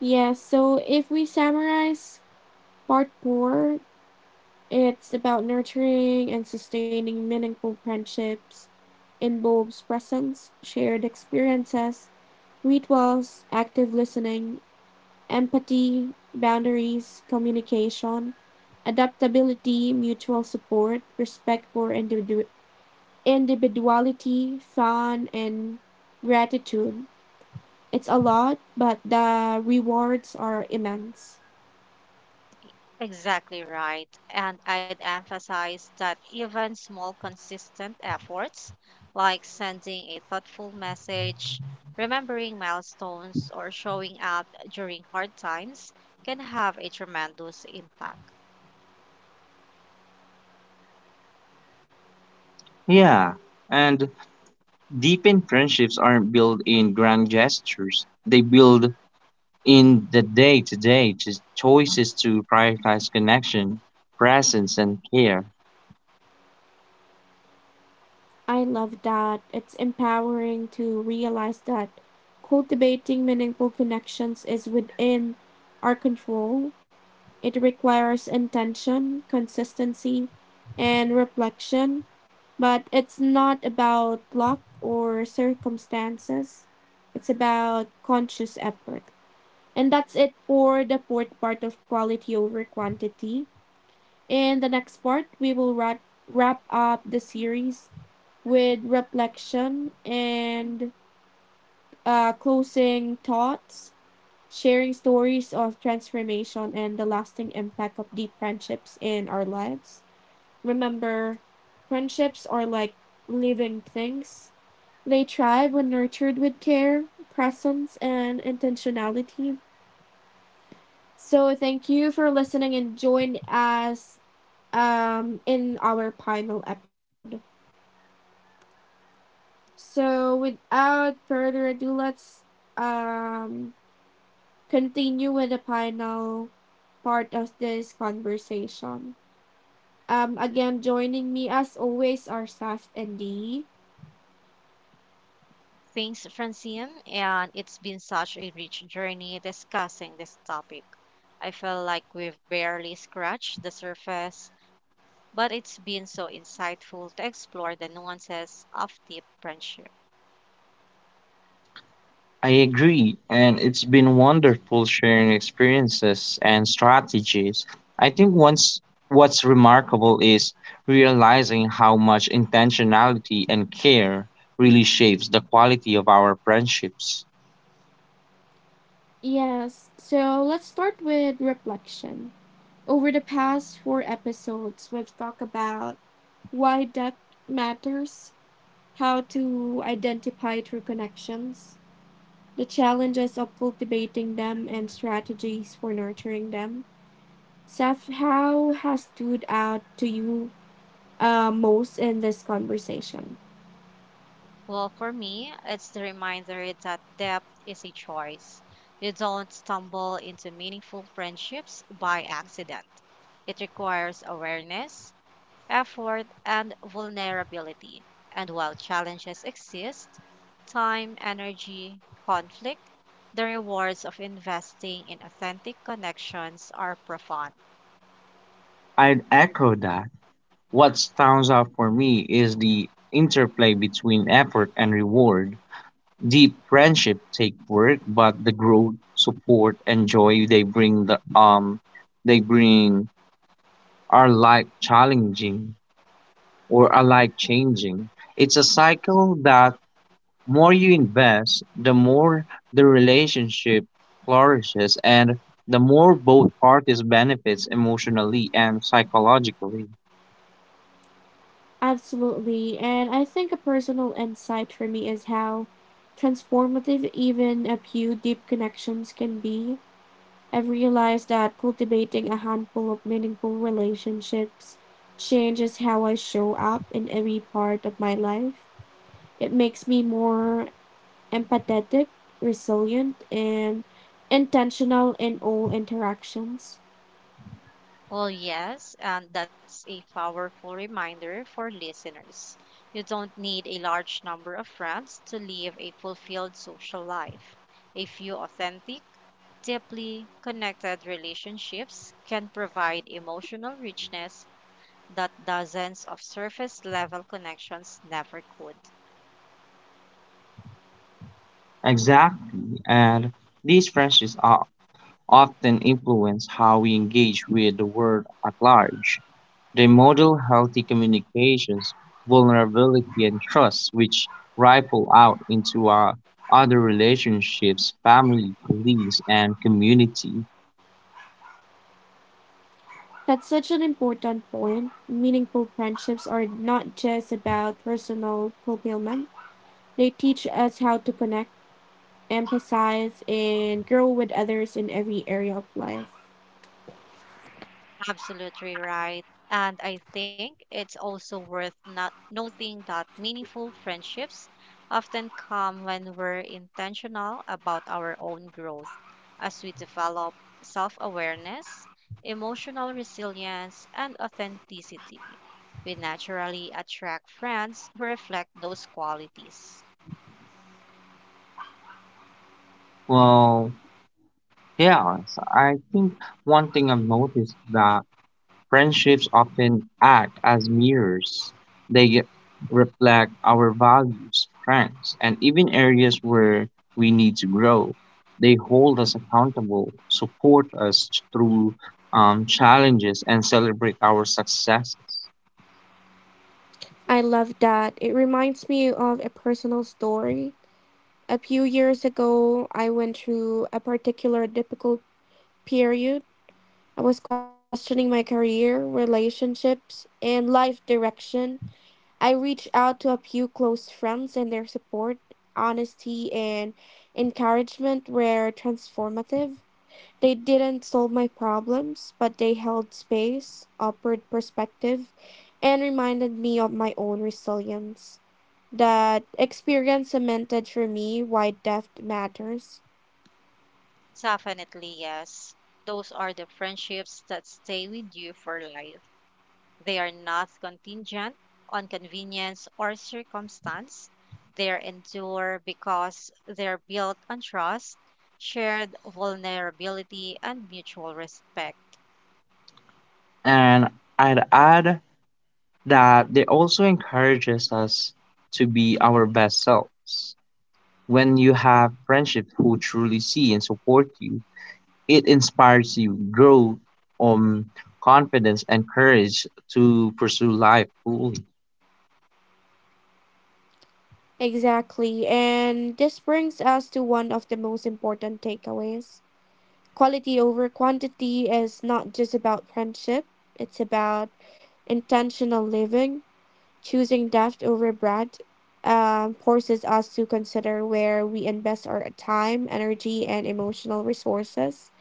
S1: Yes, so if we summarize part four, it's about nurturing and sustaining meaningful friendships, involves presence, shared experiences, rituals, active listening, empathy, boundaries, communication, adaptability, mutual support, respect for individuality individuality, fun, and gratitude. It's a lot, but the rewards are immense.
S2: Exactly right. And I'd emphasize that even small, consistent efforts, like sending a thoughtful message, remembering milestones, or showing up during hard times, can have a tremendous impact.
S3: Yeah, and deepened friendships aren't built in grand gestures. They build in the day to day choices to prioritize connection, presence, and care.
S1: I love that. It's empowering to realize that cultivating meaningful connections is within our control. It requires intention, consistency, and reflection, but it's not about luck or circumstances. It's about conscious effort. And that's it for the fourth part of quality over quantity. In the next part, we will wrap, wrap up the series with reflection and uh, closing thoughts, sharing stories of transformation and the lasting impact of deep friendships in our lives. Remember, friendships are like living things, they thrive when nurtured with care, presence, and intentionality. So thank you for listening and join us um, in our final episode. So without further ado, let's um, continue with the final part of this conversation. Um, again, joining me as always are Saf and Dee.
S2: Thanks, Francine, and it's been such a rich journey discussing this topic. I feel like we've barely scratched the surface, but it's been so insightful to explore the nuances of deep friendship.
S3: I agree, and it's been wonderful sharing experiences and strategies. I think once what's remarkable is realizing how much intentionality and care really shapes the quality of our friendships.
S1: Yes, so let's start with reflection. Over the past four episodes, we've talked about why depth matters, how to identify true connections, the challenges of cultivating them, and strategies for nurturing them. Seth, how has stood out to you uh, most in this conversation?
S2: Well, for me, it's the reminder that depth is a choice. You don't stumble into meaningful friendships by accident. It requires awareness, effort, and vulnerability. And while challenges exist, time, energy, conflict, the rewards of investing in authentic connections are profound.
S3: I'd echo that. What stands out for me is the interplay between effort and reward. Deep friendship take work, but the growth, support, and joy they bring, the um they bring are life challenging or are life changing. It's a cycle that more you invest, the more the relationship flourishes and the more both parties benefits emotionally and psychologically.
S1: Absolutely. And I think a personal insight for me is how transformative even a few deep connections can be. I've realized that cultivating a handful of meaningful relationships changes how I show up in every part of my life. It makes me more empathetic, resilient, and intentional in all interactions.
S2: Well, yes, and that's a powerful reminder for listeners. You don't need a large number of friends to live a fulfilled social life. A few authentic, deeply connected relationships can provide emotional richness that dozens of surface level connections never could.
S3: Exactly. And these friendships are often influence how we engage with the world at large. They model healthy communications, vulnerability, and trust, which ripple out into our other relationships, family, colleagues, and community.
S1: That's such an important point. Meaningful friendships are not just about personal fulfillment, they teach us how to connect, empathize, and grow with others in every area of life.
S2: Absolutely right. And I think it's also worth not noting that meaningful friendships often come when we're intentional about our own growth, as we develop self awareness, emotional resilience, and authenticity. We naturally attract friends who reflect those qualities.
S3: Well, yeah, so I think one thing I've noticed that friendships often act as mirrors. They ge- reflect our values, strengths, and even areas where we need to grow. They hold us accountable, support us through um, challenges, and celebrate our successes.
S1: I love that. It reminds me of a personal story. A few years ago, I went through a particular difficult period. I was questioning my career, relationships, and life direction. I reached out to a few close friends, and their support, honesty, and encouragement were transformative. They didn't solve my problems, but they held space, offered perspective, and reminded me of my own resilience. That experience cemented for me why depth matters.
S2: Definitely, yes. Those are the friendships that stay with you for life. They are not contingent on convenience or circumstance. They are endure because they are built on trust, shared vulnerability, and mutual respect.
S3: And I'd add that they also encourages us to be our best selves. When you have friendships who truly see and support you, it inspires you, grow um confidence and courage to pursue life fully.
S1: Exactly. And this brings us to one of the most important takeaways. Quality over quantity is not just about friendship, it's about intentional living. Choosing depth over breadth um, forces us to consider where we invest our time, energy, and emotional resources.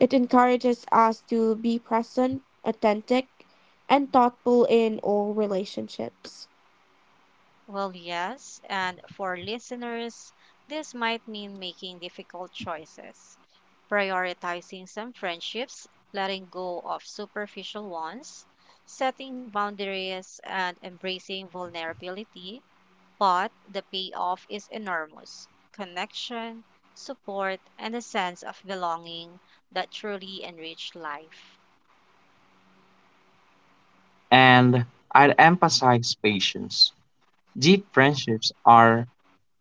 S1: It encourages us to be present, authentic, and thoughtful in all relationships.
S2: Well, yes, and for listeners, this might mean making difficult choices, prioritizing some friendships, letting go of superficial ones, setting boundaries, and embracing vulnerability, but the payoff is enormous connection, support, and a sense of belonging that truly enrich life.
S3: And I'd emphasize patience. Deep friendships are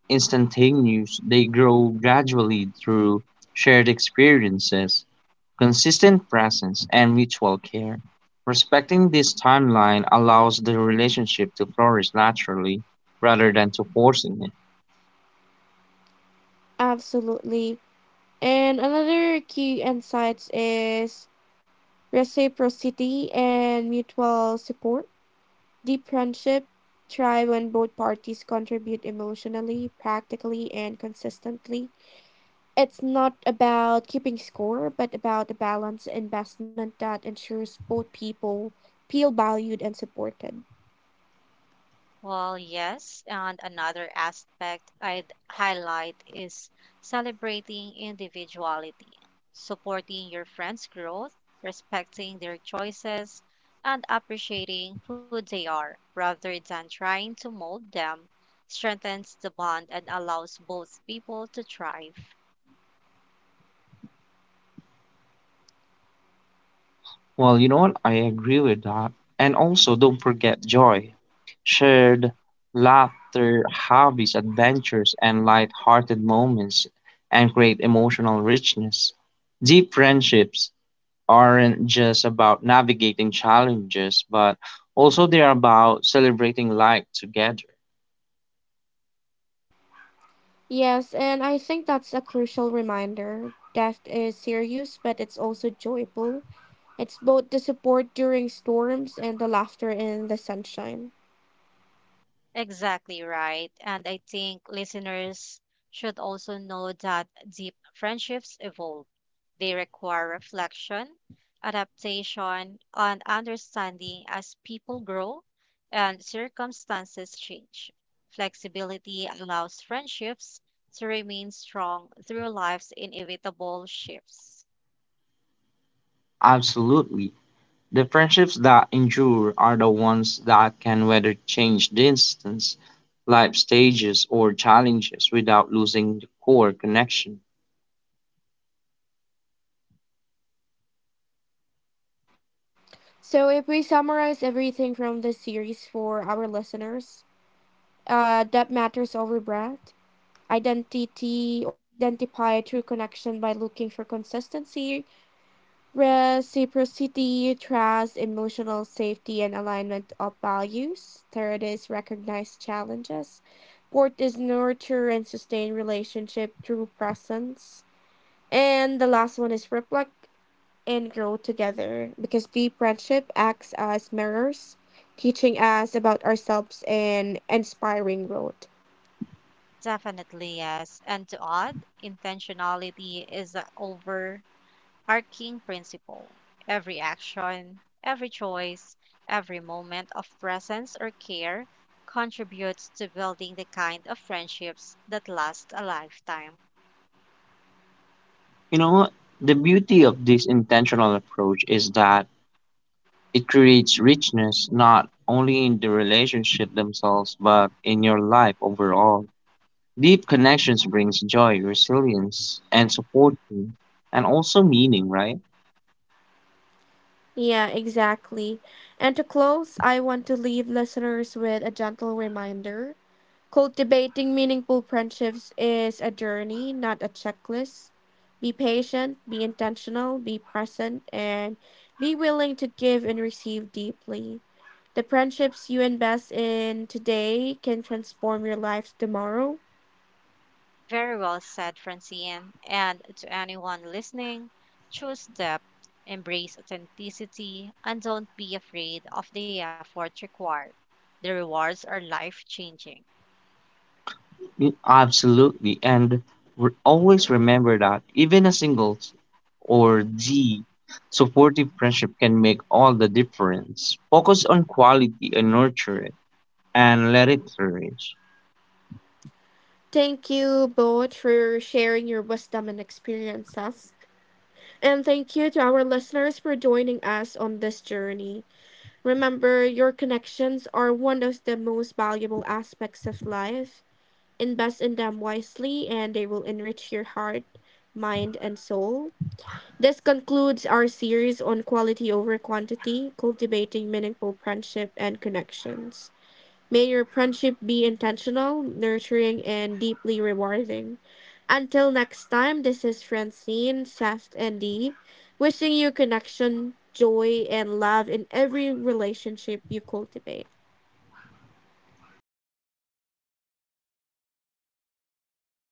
S3: instantaneous. They grow gradually through shared experiences, consistent presence, and mutual care. Respecting this timeline allows the relationship to flourish naturally rather than to forcing it.
S1: Absolutely. And another key insights is reciprocity and mutual support. Deep friendship thrive when both parties contribute emotionally, practically, and consistently. It's not about keeping score, but about a balanced investment that ensures both people feel valued and supported.
S2: Well, yes, and another aspect I'd highlight is celebrating individuality, supporting your friends' growth, respecting their choices, and appreciating who they are rather than trying to mold them strengthens the bond and allows both people to thrive.
S3: Well, you know what? I agree with that. And also, don't forget joy, shared laughter, hobbies, adventures, and light-hearted moments, and create emotional richness. Deep friendships aren't just about navigating challenges, but also they are about celebrating life together.
S1: Yes, and I think that's a crucial reminder. Death is serious, but it's also joyful. It's both the support during storms and the laughter in the sunshine.
S2: Exactly right. And I think listeners should also know that deep friendships evolve. They require reflection, adaptation, and understanding as people grow and circumstances change. Flexibility allows friendships to remain strong through life's inevitable shifts.
S3: Absolutely. The friendships that endure are the ones that can weather change distance, life stages, or challenges without losing the core connection.
S1: So, if we summarize everything from this series for our listeners, uh, that matters over breadth, identity or identify true connection by looking for consistency, reciprocity, trust, emotional safety, and alignment of values. Third is recognize challenges. Fourth is nurture and sustain relationship through presence. And the last one is reflect and grow together because deep friendship acts as mirrors, teaching us about ourselves and inspiring growth.
S2: Definitely, yes. And to add, intentionality is a over our king principle. Every action, every choice, every moment of presence or care contributes to building the kind of friendships that last a lifetime.
S3: You know what? The beauty of this intentional approach is that it creates richness not only in the relationship themselves but in your life overall. Deep connections brings joy, resilience, and support, and also meaning, right?
S1: Yeah, exactly. And to close, I want to leave listeners with a gentle reminder. Cultivating meaningful friendships is a journey, not a checklist. Be patient, be intentional, be present, and be willing to give and receive deeply. The friendships you invest in today can transform your lives tomorrow.
S2: Very well said, Francine. And to anyone listening, choose depth, embrace authenticity, and don't be afraid of the effort required. The rewards are life changing.
S3: Mm, absolutely. And re- always remember that even a single s- or the supportive friendship can make all the difference. Focus on quality and nurture it and let it flourish.
S1: Thank you both for sharing your wisdom and experiences. And thank you to our listeners for joining us on this journey. Remember, your connections are one of the most valuable aspects of life. Invest in them wisely, and they will enrich your heart, mind, and soul. This concludes our series on quality over quantity, cultivating meaningful friendship and connections. May your friendship be intentional, nurturing, and deeply rewarding. Until next time, this is Francine, Seth, and Dee, wishing you connection, joy, and love in every relationship you cultivate.